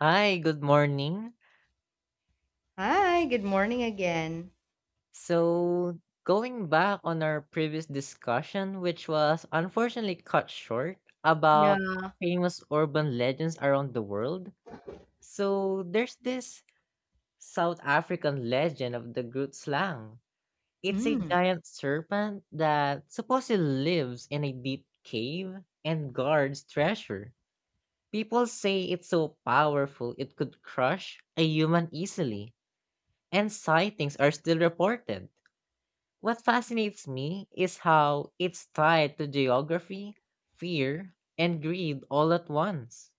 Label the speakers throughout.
Speaker 1: Hi, good morning.
Speaker 2: Hi, good morning again.
Speaker 1: So, going back on our previous discussion, which was unfortunately cut short,
Speaker 2: Yeah.
Speaker 1: about famous urban legends around the world. So, there's this South African legend of the Groot Slang. It's a
Speaker 2: Mm.
Speaker 1: giant serpent that supposedly lives in a deep cave and guards treasure. People say it's so powerful it could crush a human easily, and sightings are still reported. What fascinates me is how it's tied to geography, fear, and greed all at once.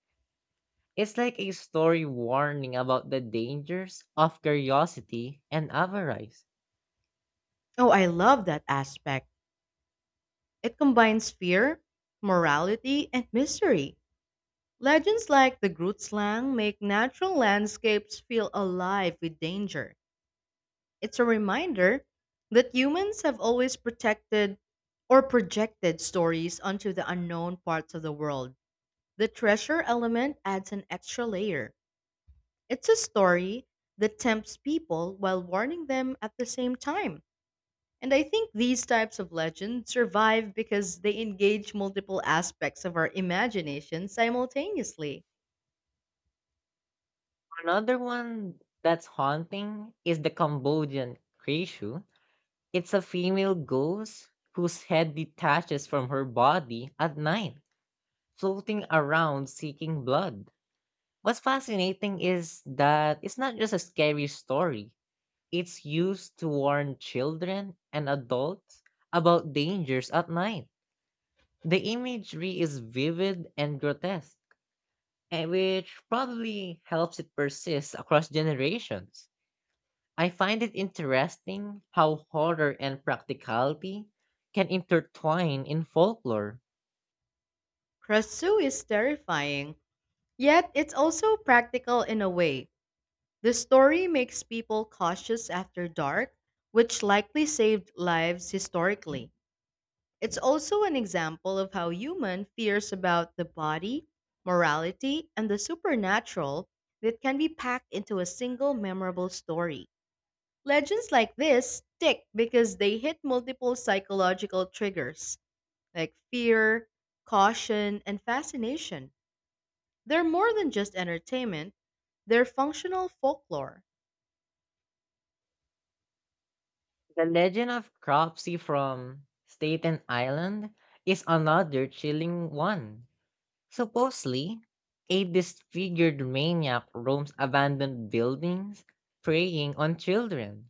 Speaker 1: It's like a story warning about the dangers of curiosity and avarice.
Speaker 2: Oh, I love that aspect. It combines fear, morality, and mystery. Legends like the Groot slang make natural landscapes feel alive with danger. It's a reminder that humans have always protected or projected stories onto the unknown parts of the world. The treasure element adds an extra layer. It's a story that tempts people while warning them at the same time. And I think these types of legends survive because they engage multiple aspects of our imagination simultaneously.
Speaker 1: Another one that's haunting is the Cambodian Krishu. It's a female ghost whose head detaches from her body at night, floating around seeking blood. What's fascinating is that it's not just a scary story. It's used to warn children and adults about dangers at night. The imagery is vivid and grotesque, which probably helps it persist across generations. I find it interesting how horror and practicality can intertwine in folklore.
Speaker 2: Krasu is terrifying, yet it's also practical in a way. The story makes people cautious after dark, which likely saved lives historically. It's also an example of how human fears about the body, morality, and the supernatural that can be packed into a single memorable story. Legends like this stick because they hit multiple psychological triggers, like fear, caution, and fascination. They're more than just entertainment, they're functional folklore.
Speaker 1: The legend of Cropsey from Staten Island is another chilling one. Supposedly, a disfigured maniac roams abandoned buildings, preying on children.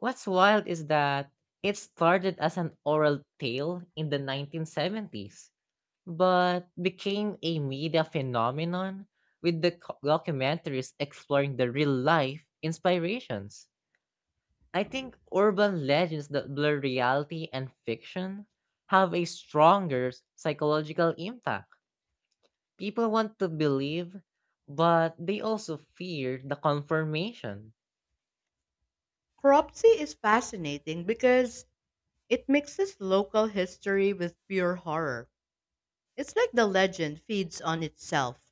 Speaker 1: What's wild is that it started as an oral tale in the 1970s, but became a media phenomenon with the documentaries exploring the real life inspirations. I think urban legends that blur reality and fiction have a stronger psychological impact. People want to believe, but they also fear the confirmation.
Speaker 2: Cropsy is fascinating because it mixes local history with pure horror. It's like the legend feeds on itself,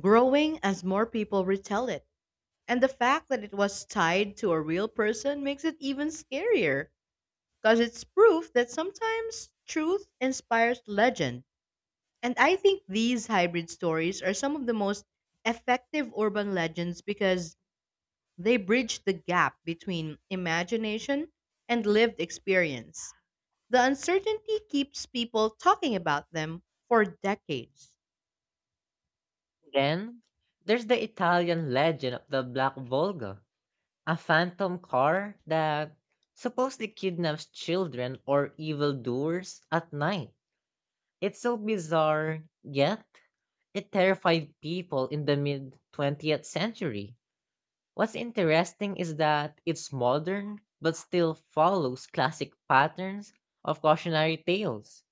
Speaker 2: growing as more people retell it. And the fact that it was tied to a real person makes it even scarier, because it's proof that sometimes truth inspires legend. And I think these hybrid stories are some of the most effective urban legends because they bridge the gap between imagination and lived experience. The uncertainty keeps people talking about them for decades.
Speaker 1: Then, there's the Italian legend of the Black Volga, a phantom car that supposedly kidnaps children or evildoers at night. It's so bizarre, yet it terrified people in the mid 20th century. What's interesting is that it's modern, but still follows classic patterns of cautionary tales,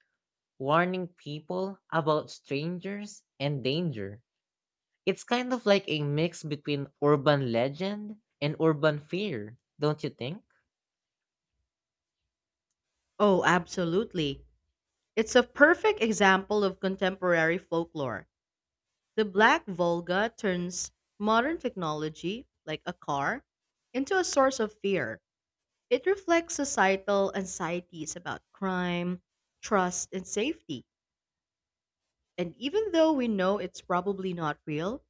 Speaker 1: warning people about strangers and danger. It's kind of like a mix between urban legend and urban fear, don't you think?
Speaker 2: Oh, absolutely. It's a perfect example of contemporary folklore. The Black Volga turns modern technology, like a car, into a source of fear. It reflects societal anxieties about crime, trust, and safety. And even though we know it's probably not real,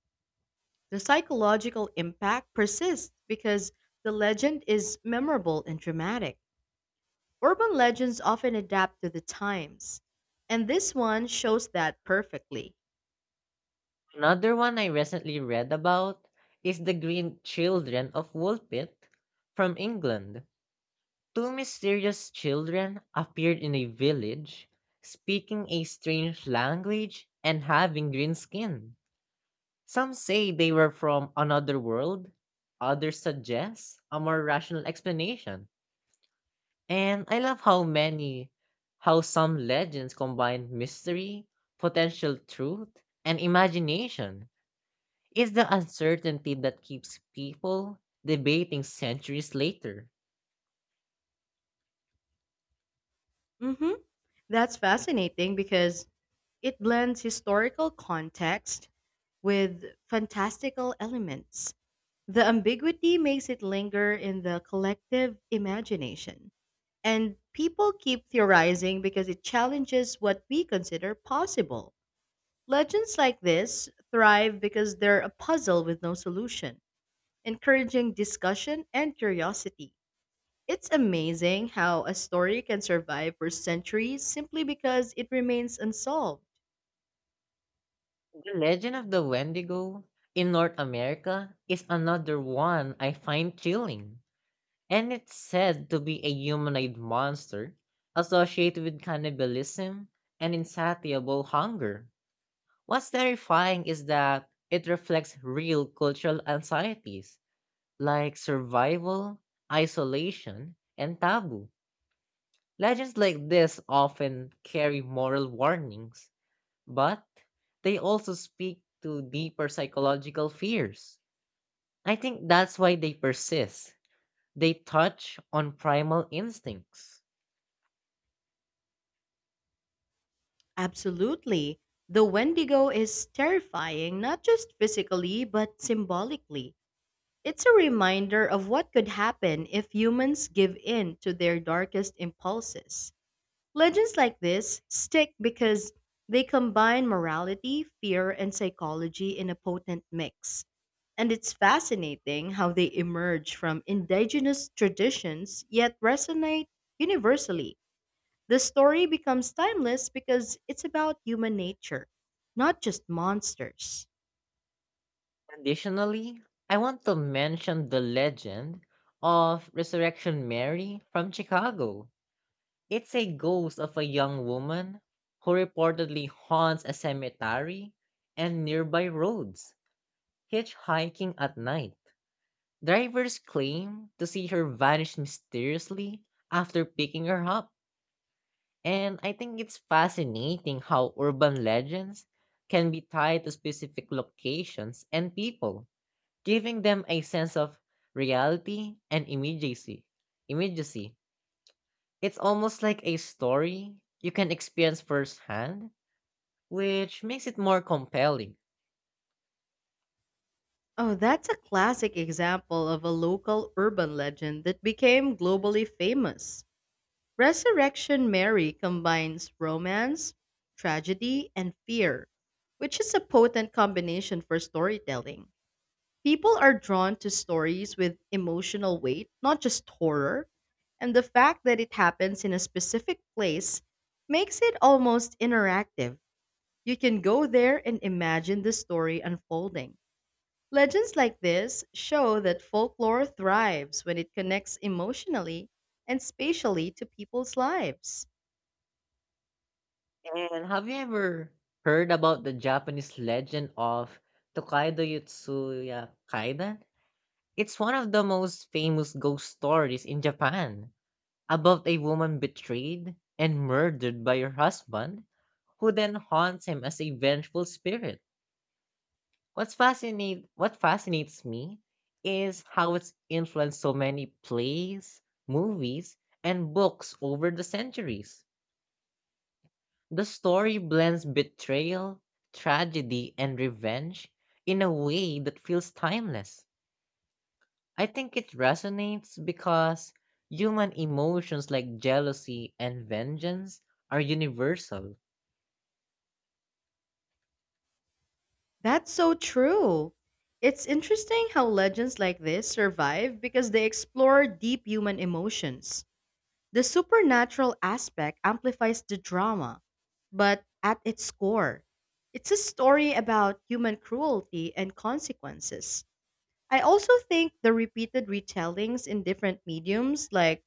Speaker 2: the psychological impact persists because the legend is memorable and dramatic. Urban legends often adapt to the times, and this one shows that perfectly.
Speaker 1: Another one I recently read about is The Green Children of Woolpit from England. Two mysterious children appeared in a village, speaking a strange language and having green skin. Some say they were from another world, others suggest a more rational explanation. And I love how how some legends combine mystery, potential truth, and imagination. It's the uncertainty that keeps people debating centuries later.
Speaker 2: hmm That's fascinating because it blends historical context with fantastical elements. The ambiguity makes it linger in the collective imagination. And people keep theorizing because it challenges what we consider possible. Legends like this thrive because they're a puzzle with no solution, encouraging discussion and curiosity. It's amazing how a story can survive for centuries simply because it remains unsolved.
Speaker 1: The legend of the Wendigo in North America is another one I find chilling. And it's said to be a humanoid monster associated with cannibalism and insatiable hunger. What's terrifying is that it reflects real cultural anxieties like survival, isolation, and taboo. Legends like this often carry moral warnings, but they also speak to deeper psychological fears. I think that's why they persist. They touch on primal instincts.
Speaker 2: Absolutely. The Wendigo is terrifying, not just physically, but symbolically. It's a reminder of what could happen if humans give in to their darkest impulses. Legends like this stick because they combine morality, fear, and psychology in a potent mix. And it's fascinating how they emerge from indigenous traditions yet resonate universally. The story becomes timeless because it's about human nature, not just monsters.
Speaker 1: Additionally, I want to mention the legend of Resurrection Mary from Chicago. It's a ghost of a young woman who reportedly haunts a cemetery and nearby roads, hitchhiking at night. Drivers claim to see her vanish mysteriously after picking her up. And I think it's fascinating how urban legends can be tied to specific locations and people, giving them a sense of reality and immediacy. Immediacy. It's almost like a story you can experience firsthand, which makes it more compelling.
Speaker 2: Oh, that's a classic example of a local urban legend that became globally famous. Resurrection Mary combines romance, tragedy, and fear, which is a potent combination for storytelling. People are drawn to stories with emotional weight, not just horror, and the fact that it happens in a specific place makes it almost interactive. You can go there and imagine the story unfolding. Legends like this show that folklore thrives when it connects emotionally and spatially to people's lives.
Speaker 1: And have you ever heard about the Japanese legend of Tokaido Yotsuya Kaidan? It's one of the most famous ghost stories in Japan, about a woman betrayed and murdered by her husband, who then haunts him as a vengeful spirit. What fascinates me is how it's influenced so many plays, movies, and books over the centuries. The story blends betrayal, tragedy, and revenge in a way that feels timeless. I think it resonates because human emotions like jealousy and vengeance are universal.
Speaker 2: That's so true. It's interesting how legends like this survive because they explore deep human emotions. The supernatural aspect amplifies the drama, but at its core, it's a story about human cruelty and consequences. I also think the repeated retellings in different mediums, like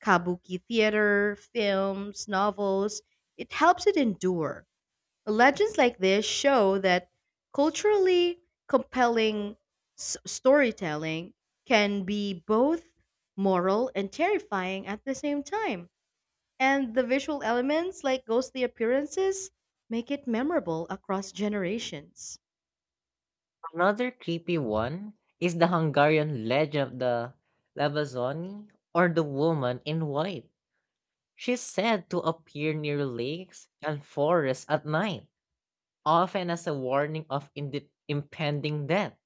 Speaker 2: kabuki theater, films, novels, it helps it endure. Legends like this show that culturally compelling storytelling can be both moral and terrifying at the same time. And the visual elements, like ghostly appearances, make it memorable across generations.
Speaker 1: Another creepy one is the Hungarian legend of the Labazoni, or the woman in white. She's said to appear near lakes and forests at night, often as a warning of impending death.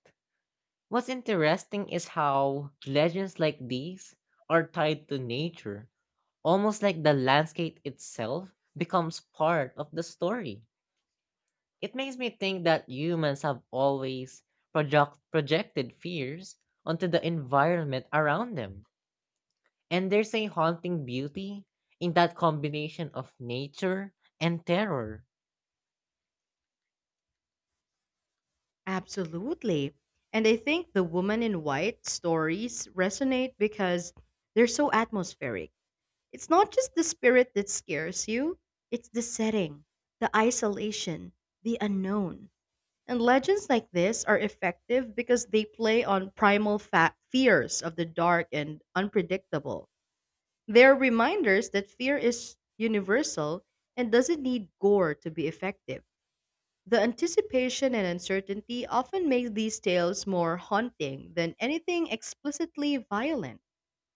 Speaker 1: What's interesting is how legends like these are tied to nature, almost like the landscape itself becomes part of the story. It makes me think that humans have always projected fears onto the environment around them. And there's a haunting beauty in that combination of nature and terror.
Speaker 2: Absolutely. And I think the woman in white stories resonate because they're so atmospheric. It's not just the spirit that scares you, it's the setting, the isolation, the unknown. And legends like this are effective because they play on primal fears of the dark and unpredictable. They are reminders that fear is universal and doesn't need gore to be effective. The anticipation and uncertainty often make these tales more haunting than anything explicitly violent.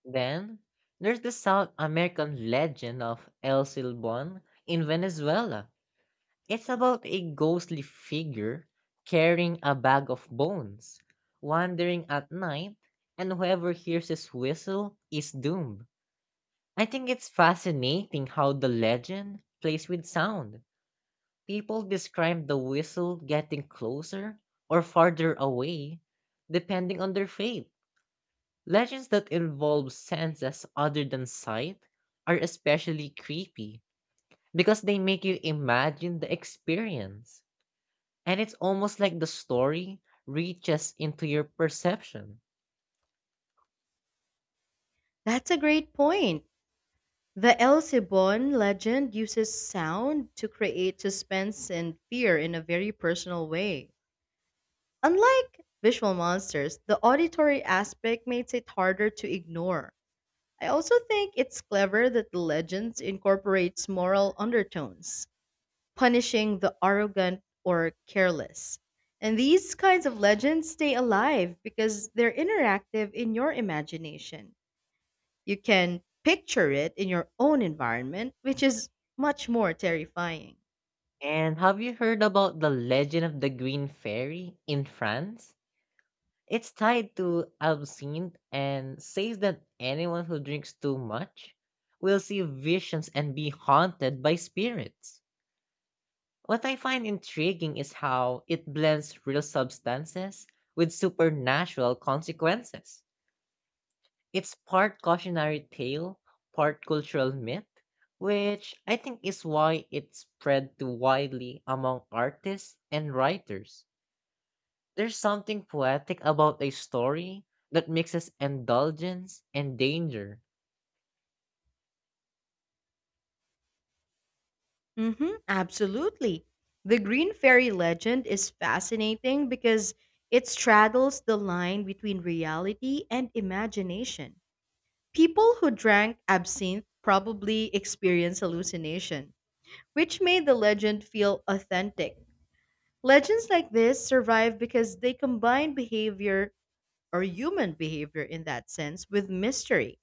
Speaker 1: Then, there's the South American legend of El Silbón in Venezuela. It's about a ghostly figure carrying a bag of bones, wandering at night, and whoever hears his whistle is doomed. I think it's fascinating how the legend plays with sound. People describe the whistle getting closer or farther away, depending on their faith. Legends that involve senses other than sight are especially creepy because they make you imagine the experience. And it's almost like the story reaches into your perception.
Speaker 2: That's a great point. The El Cibon legend uses sound to create suspense and fear in a very personal way. Unlike visual monsters, the auditory aspect makes it harder to ignore. I also think it's clever that the legends incorporates moral undertones, punishing the arrogant or careless. And these kinds of legends stay alive because they're interactive in your imagination. You can picture it in your own environment, which is much more terrifying.
Speaker 1: And have you heard about the legend of the Green Fairy in France? It's tied to absinthe and says that anyone who drinks too much will see visions and be haunted by spirits. What I find intriguing is how it blends real substances with supernatural consequences. It's part cautionary tale, part cultural myth, which I think is why it spread too widely among artists and writers. There's something poetic about a story that mixes indulgence and danger.
Speaker 2: Mhm, absolutely. The Green Fairy legend is fascinating because it straddles the line between reality and imagination. People who drank absinthe probably experienced hallucination, which made the legend feel authentic. Legends like this survive because they combine behavior, or human behavior in that sense, with mystery.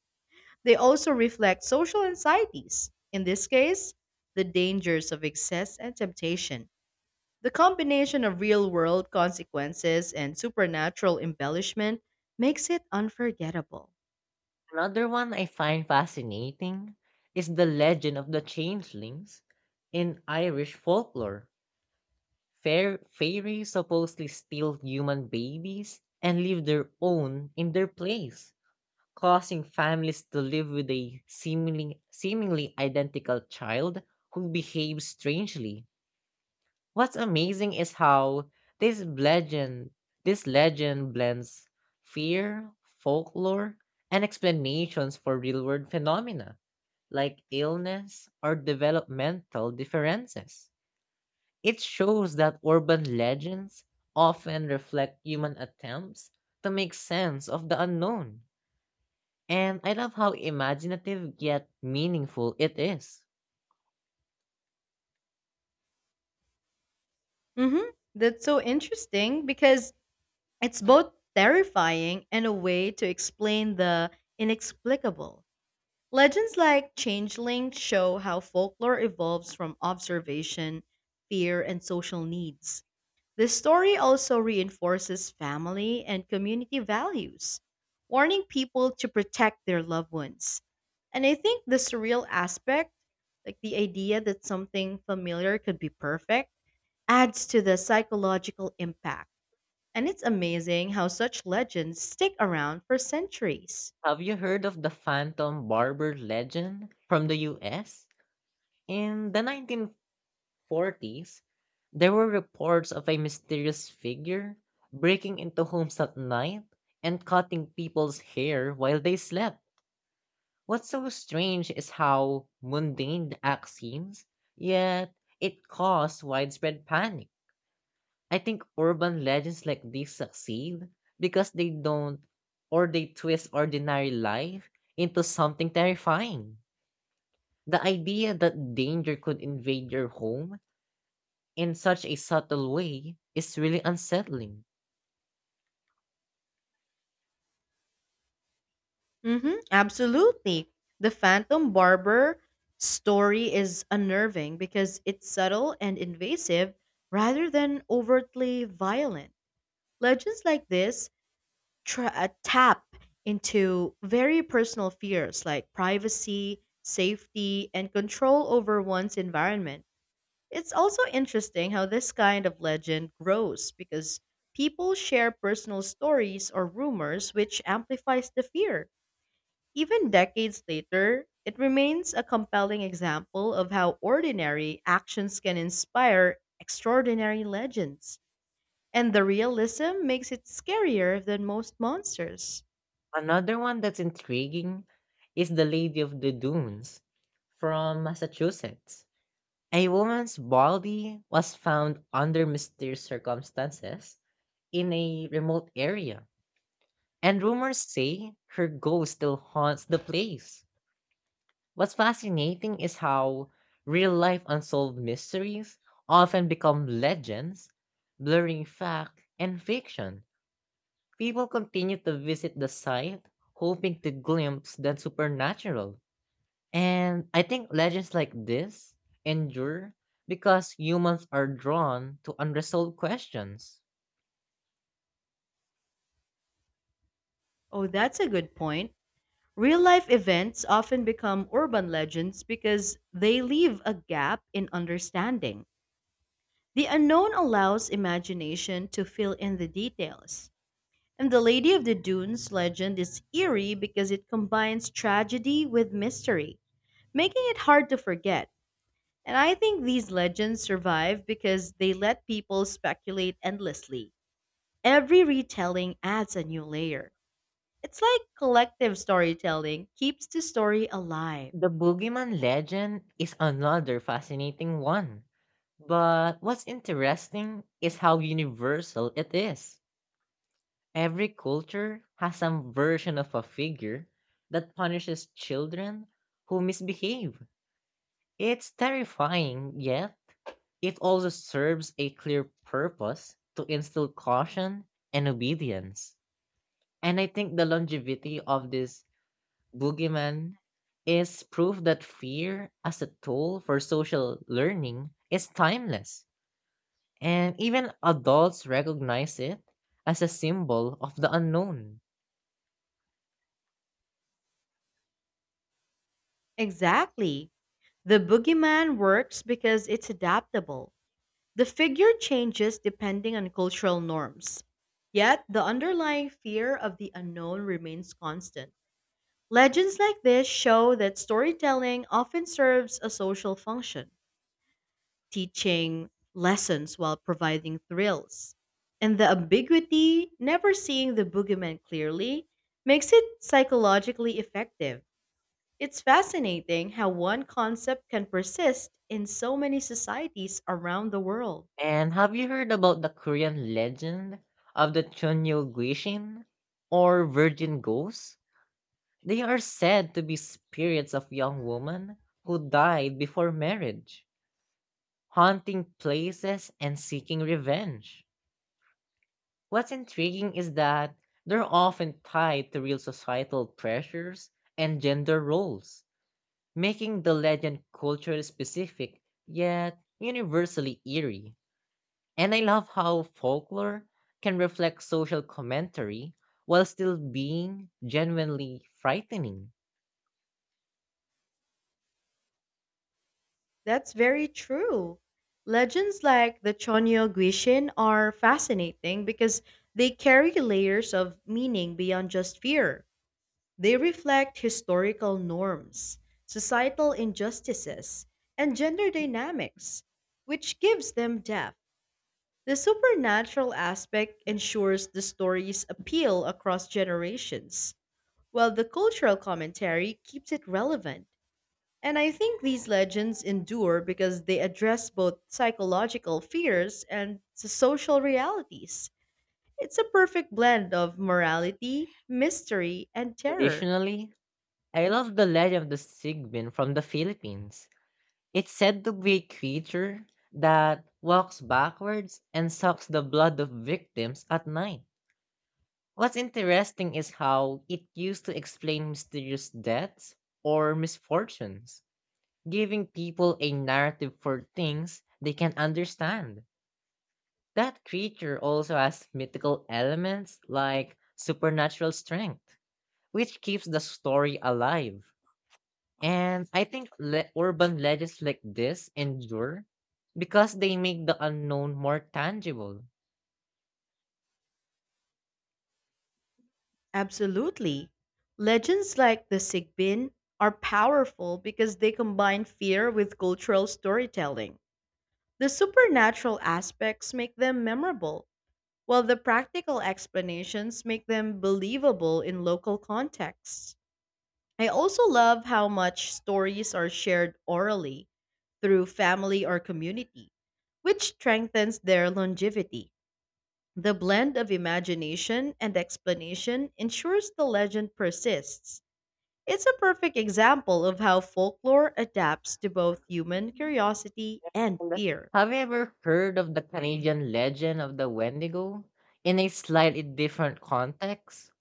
Speaker 2: They also reflect social anxieties, in this case, the dangers of excess and temptation. The combination of real world consequences and supernatural embellishment makes it unforgettable.
Speaker 1: Another one I find fascinating is the legend of the changelings in Irish folklore. Fair fairies supposedly steal human babies and leave their own in their place, causing families to live with a seemingly identical child who behaves strangely. What's amazing is how this legend this legend blends fear, folklore, and explanations for real world phenomena like illness or developmental differences. It shows that urban legends often reflect human attempts to make sense of the unknown. And I love how imaginative yet meaningful it is.
Speaker 2: That's so interesting because it's both terrifying and a way to explain the inexplicable. Legends like Changeling show how folklore evolves from observation, fear, and social needs. This story also reinforces family and community values, warning people to protect their loved ones. And I think the surreal aspect, like the idea that something familiar could be perfect, adds to the psychological impact. And it's amazing how such legends stick around for centuries.
Speaker 1: Have you heard of the Phantom Barber legend from the US? In the 1940s, there were reports of a mysterious figure breaking into homes at night and cutting people's hair while they slept. What's so strange is how mundane the act seems, yet it caused widespread panic. I think urban legends like these succeed because they don't or they twist ordinary life into something terrifying. The idea that danger could invade your home in such a subtle way is really unsettling.
Speaker 2: Absolutely. The Phantom Barber story is unnerving because it's subtle and invasive rather than overtly violent. Legends like this tap into very personal fears like privacy, safety, and control over one's environment. It's also interesting how this kind of legend grows because people share personal stories or rumors, which amplifies the fear. Even decades later, it remains a compelling example of how ordinary actions can inspire extraordinary legends. And the realism makes it scarier than most monsters.
Speaker 1: Another one that's intriguing is The Lady of the Dunes from Massachusetts. A woman's body was found under mysterious circumstances in a remote area, and rumors say her ghost still haunts the place. What's fascinating is how real life unsolved mysteries often become legends, blurring fact and fiction. People continue to visit the site, hoping to glimpse the supernatural. And I think legends like this endure because humans are drawn to unresolved questions.
Speaker 2: Oh, that's a good point. Real life events often become urban legends because they leave a gap in understanding. The unknown allows imagination to fill in the details. And the Lady of the Dunes legend is eerie because it combines tragedy with mystery, making it hard to forget. And I think these legends survive because they let people speculate endlessly. Every retelling adds a new layer. It's like collective storytelling keeps the story alive.
Speaker 1: The boogeyman legend is another fascinating one. But what's interesting is how universal it is. Every culture has some version of a figure that punishes children who misbehave. It's terrifying, yet it also serves a clear purpose to instill caution and obedience. And I think the longevity of this boogeyman is proof that fear as a tool for social learning is timeless. And even adults recognize it as a symbol of the unknown.
Speaker 2: Exactly. The boogeyman works because it's adaptable. The figure changes depending on cultural norms, yet the underlying fear of the unknown remains constant. Legends like this show that storytelling often serves a social function, teaching lessons while providing thrills. And the ambiguity, never seeing the boogeyman clearly, makes it psychologically effective. It's fascinating how one concept can persist in so many societies around the world.
Speaker 1: And have you heard about the Korean legend of the Chunyo Gwishin, or Virgin Ghost? They are said to be spirits of young women who died before marriage, haunting places and seeking revenge. What's intriguing is that they're often tied to real societal pressures and gender roles, making the legend culturally specific yet universally eerie. And I love how folklore can reflect social commentary while still being genuinely frightening.
Speaker 2: That's very true. Legends like the Chonyo Gwishin are fascinating because they carry layers of meaning beyond just fear. They reflect historical norms, societal injustices, and gender dynamics, which gives them depth. The supernatural aspect ensures the stories appeal across generations, while the cultural commentary keeps it relevant. And I think these legends endure because they address both psychological fears and the social realities. It's a perfect blend of morality, mystery, and terror.
Speaker 1: Additionally, I love the legend of the sigbin from the Philippines. It's said to be a creature that walks backwards and sucks the blood of victims at night. What's interesting is how it used to explain mysterious deaths or misfortunes, giving people a narrative for things they can understand. That creature also has mythical elements like supernatural strength, which keeps the story alive. And I think urban legends like this endure because they make the unknown more tangible.
Speaker 2: Absolutely. Legends like the Sigbin are powerful because they combine fear with cultural storytelling. The supernatural aspects make them memorable, while the practical explanations make them believable in local contexts. I also love how much stories are shared orally through family or community, which strengthens their longevity. The blend of imagination and explanation ensures the legend persists. It's a perfect example of how folklore adapts to both human curiosity and
Speaker 1: And
Speaker 2: fear.
Speaker 1: have you ever heard of the Canadian legend of the Wendigo in a slightly different context?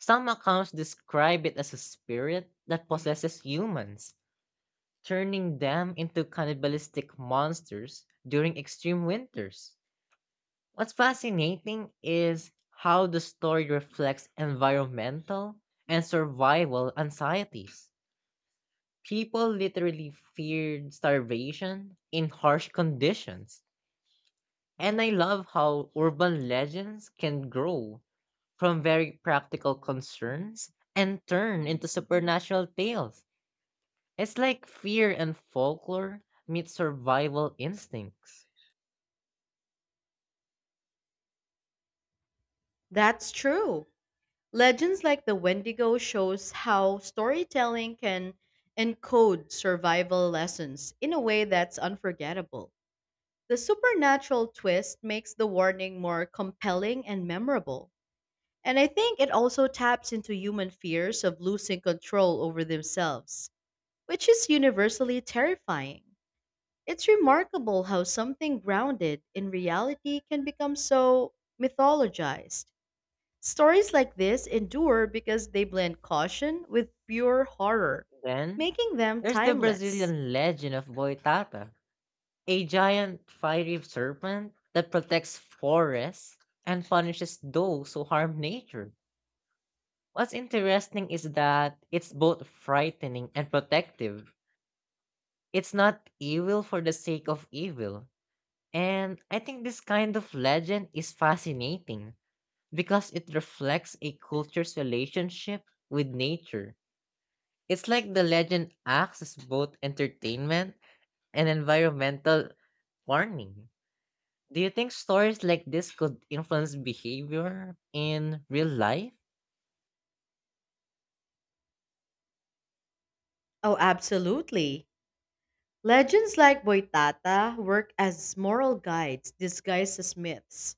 Speaker 1: Some accounts describe it as a spirit that possesses humans, turning them into cannibalistic monsters during extreme winters. What's fascinating is how the story reflects environmental and survival anxieties. People literally feared starvation in harsh conditions. And I love how urban legends can grow from very practical concerns and turn into supernatural tales. It's like fear and folklore meet survival instincts.
Speaker 2: That's true. Legends like the Wendigo shows how storytelling can encode survival lessons in a way that's unforgettable. The supernatural twist makes the warning more compelling and memorable. And I think it also taps into human fears of losing control over themselves, which is universally terrifying. It's remarkable how something grounded in reality can become so mythologized. Stories like this endure because they blend caution with pure horror,
Speaker 1: Then
Speaker 2: making them
Speaker 1: there's the
Speaker 2: timeless.
Speaker 1: Brazilian legend of Boitata, a giant fiery serpent that protects forests and punishes those who harm nature. What's interesting is that it's both frightening and protective. It's not evil for the sake of evil. And I think this kind of legend is fascinating because it reflects a culture's relationship with nature. It's like the legend acts as both entertainment and environmental warning. Do you think stories like this could influence behavior in real life?
Speaker 2: Oh, absolutely. Legends like Boitata work as moral guides disguised as myths.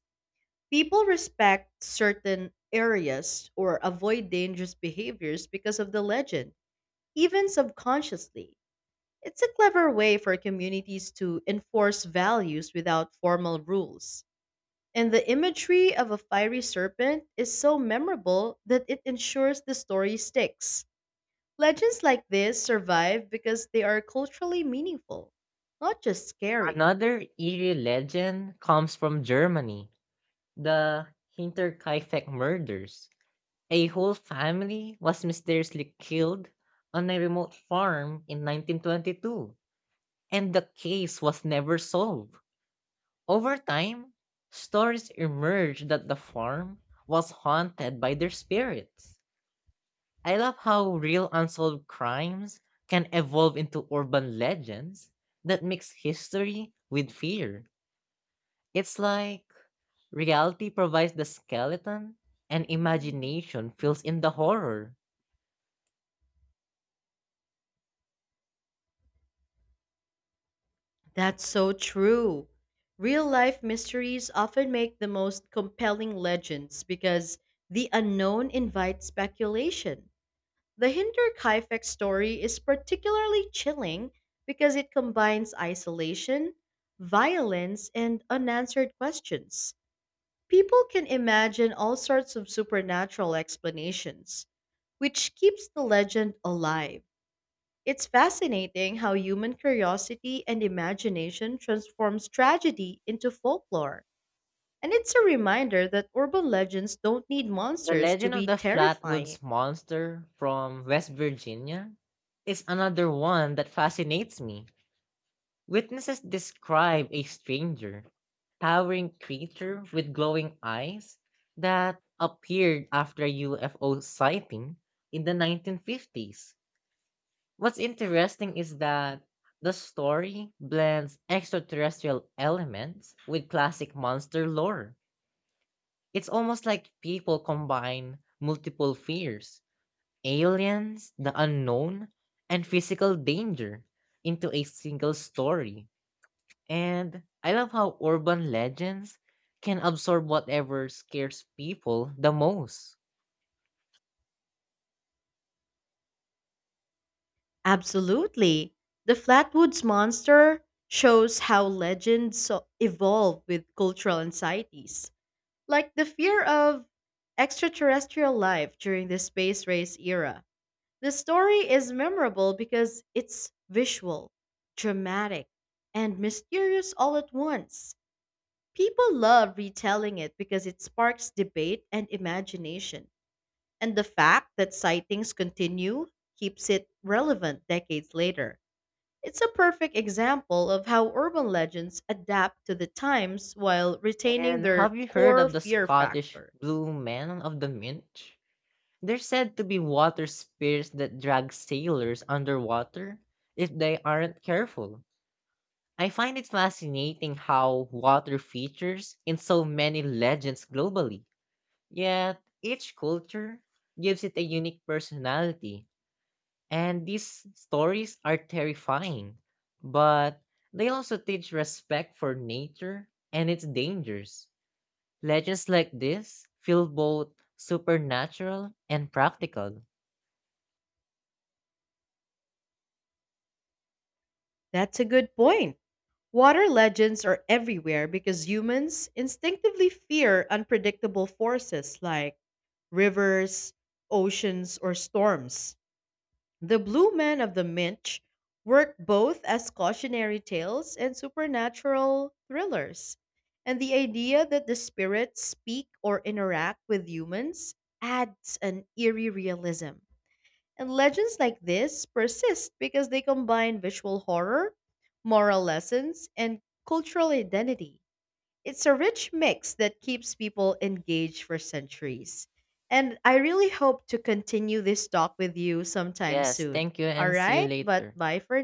Speaker 2: People respect certain areas or avoid dangerous behaviors because of the legend, even subconsciously. It's a clever way for communities to enforce values without formal rules. And the imagery of a fiery serpent is so memorable that it ensures the story sticks. Legends like this survive because they are culturally meaningful, not just scary.
Speaker 1: Another eerie legend comes from Germany, the Hinterkaifeck murders. A whole family was mysteriously killed on a remote farm in 1922, and the case was never solved. Over time, stories emerged that the farm was haunted by their spirits. I love how real unsolved crimes can evolve into urban legends that mix history with fear. It's like reality provides the skeleton and imagination fills in the horror.
Speaker 2: That's so true. Real life mysteries often make the most compelling legends because the unknown invites speculation. The Hinder Kaifek story is particularly chilling because it combines isolation, violence, and unanswered questions. People can imagine all sorts of supernatural explanations, which keeps the legend alive. It's fascinating how human curiosity and imagination transforms tragedy into folklore. And it's a reminder that urban legends don't need
Speaker 1: The
Speaker 2: monsters to
Speaker 1: legend of
Speaker 2: be
Speaker 1: the
Speaker 2: terrifying.
Speaker 1: Flatwoods Monster from West Virginia is another one that fascinates me. Witnesses describe a stranger, towering creature with glowing eyes that appeared after a UFO sighting in the 1950s. What's interesting is that the story blends extraterrestrial elements with classic monster lore. It's almost like people combine multiple fears, aliens, the unknown, and physical danger into a single story, and I love how urban legends can absorb whatever scares people the most.
Speaker 2: Absolutely. The Flatwoods monster shows how legends evolve with cultural anxieties, like the fear of extraterrestrial life during the space race era. The story is memorable because it's visual, dramatic, and mysterious all at once. People love retelling it because it sparks debate and imagination. And the fact that sightings continue keeps it relevant decades later. It's a perfect example of how urban legends adapt to the times while retaining
Speaker 1: And
Speaker 2: their
Speaker 1: have you heard
Speaker 2: core
Speaker 1: of the
Speaker 2: fear
Speaker 1: Scottish
Speaker 2: factor.
Speaker 1: Blue Men of the Minch? They're said to be water spirits that drag sailors underwater if they aren't careful. I find it fascinating how water features in so many legends globally. Yet each culture gives it a unique personality. And these stories are terrifying, but they also teach respect for nature and its dangers. Legends like this feel both supernatural and practical.
Speaker 2: That's a good point. Water legends are everywhere because humans instinctively fear unpredictable forces like rivers, oceans, or storms. The Blue Men of the Minch work both as cautionary tales and supernatural thrillers. And the idea that the spirits speak or interact with humans adds an eerie realism. And legends like this persist because they combine visual horror, moral lessons, and cultural identity. It's a rich mix that keeps people engaged for centuries. And I really hope to continue this talk with you sometime
Speaker 1: Yes,
Speaker 2: soon.
Speaker 1: thank you
Speaker 2: All
Speaker 1: and see you
Speaker 2: right, but
Speaker 1: later.
Speaker 2: bye for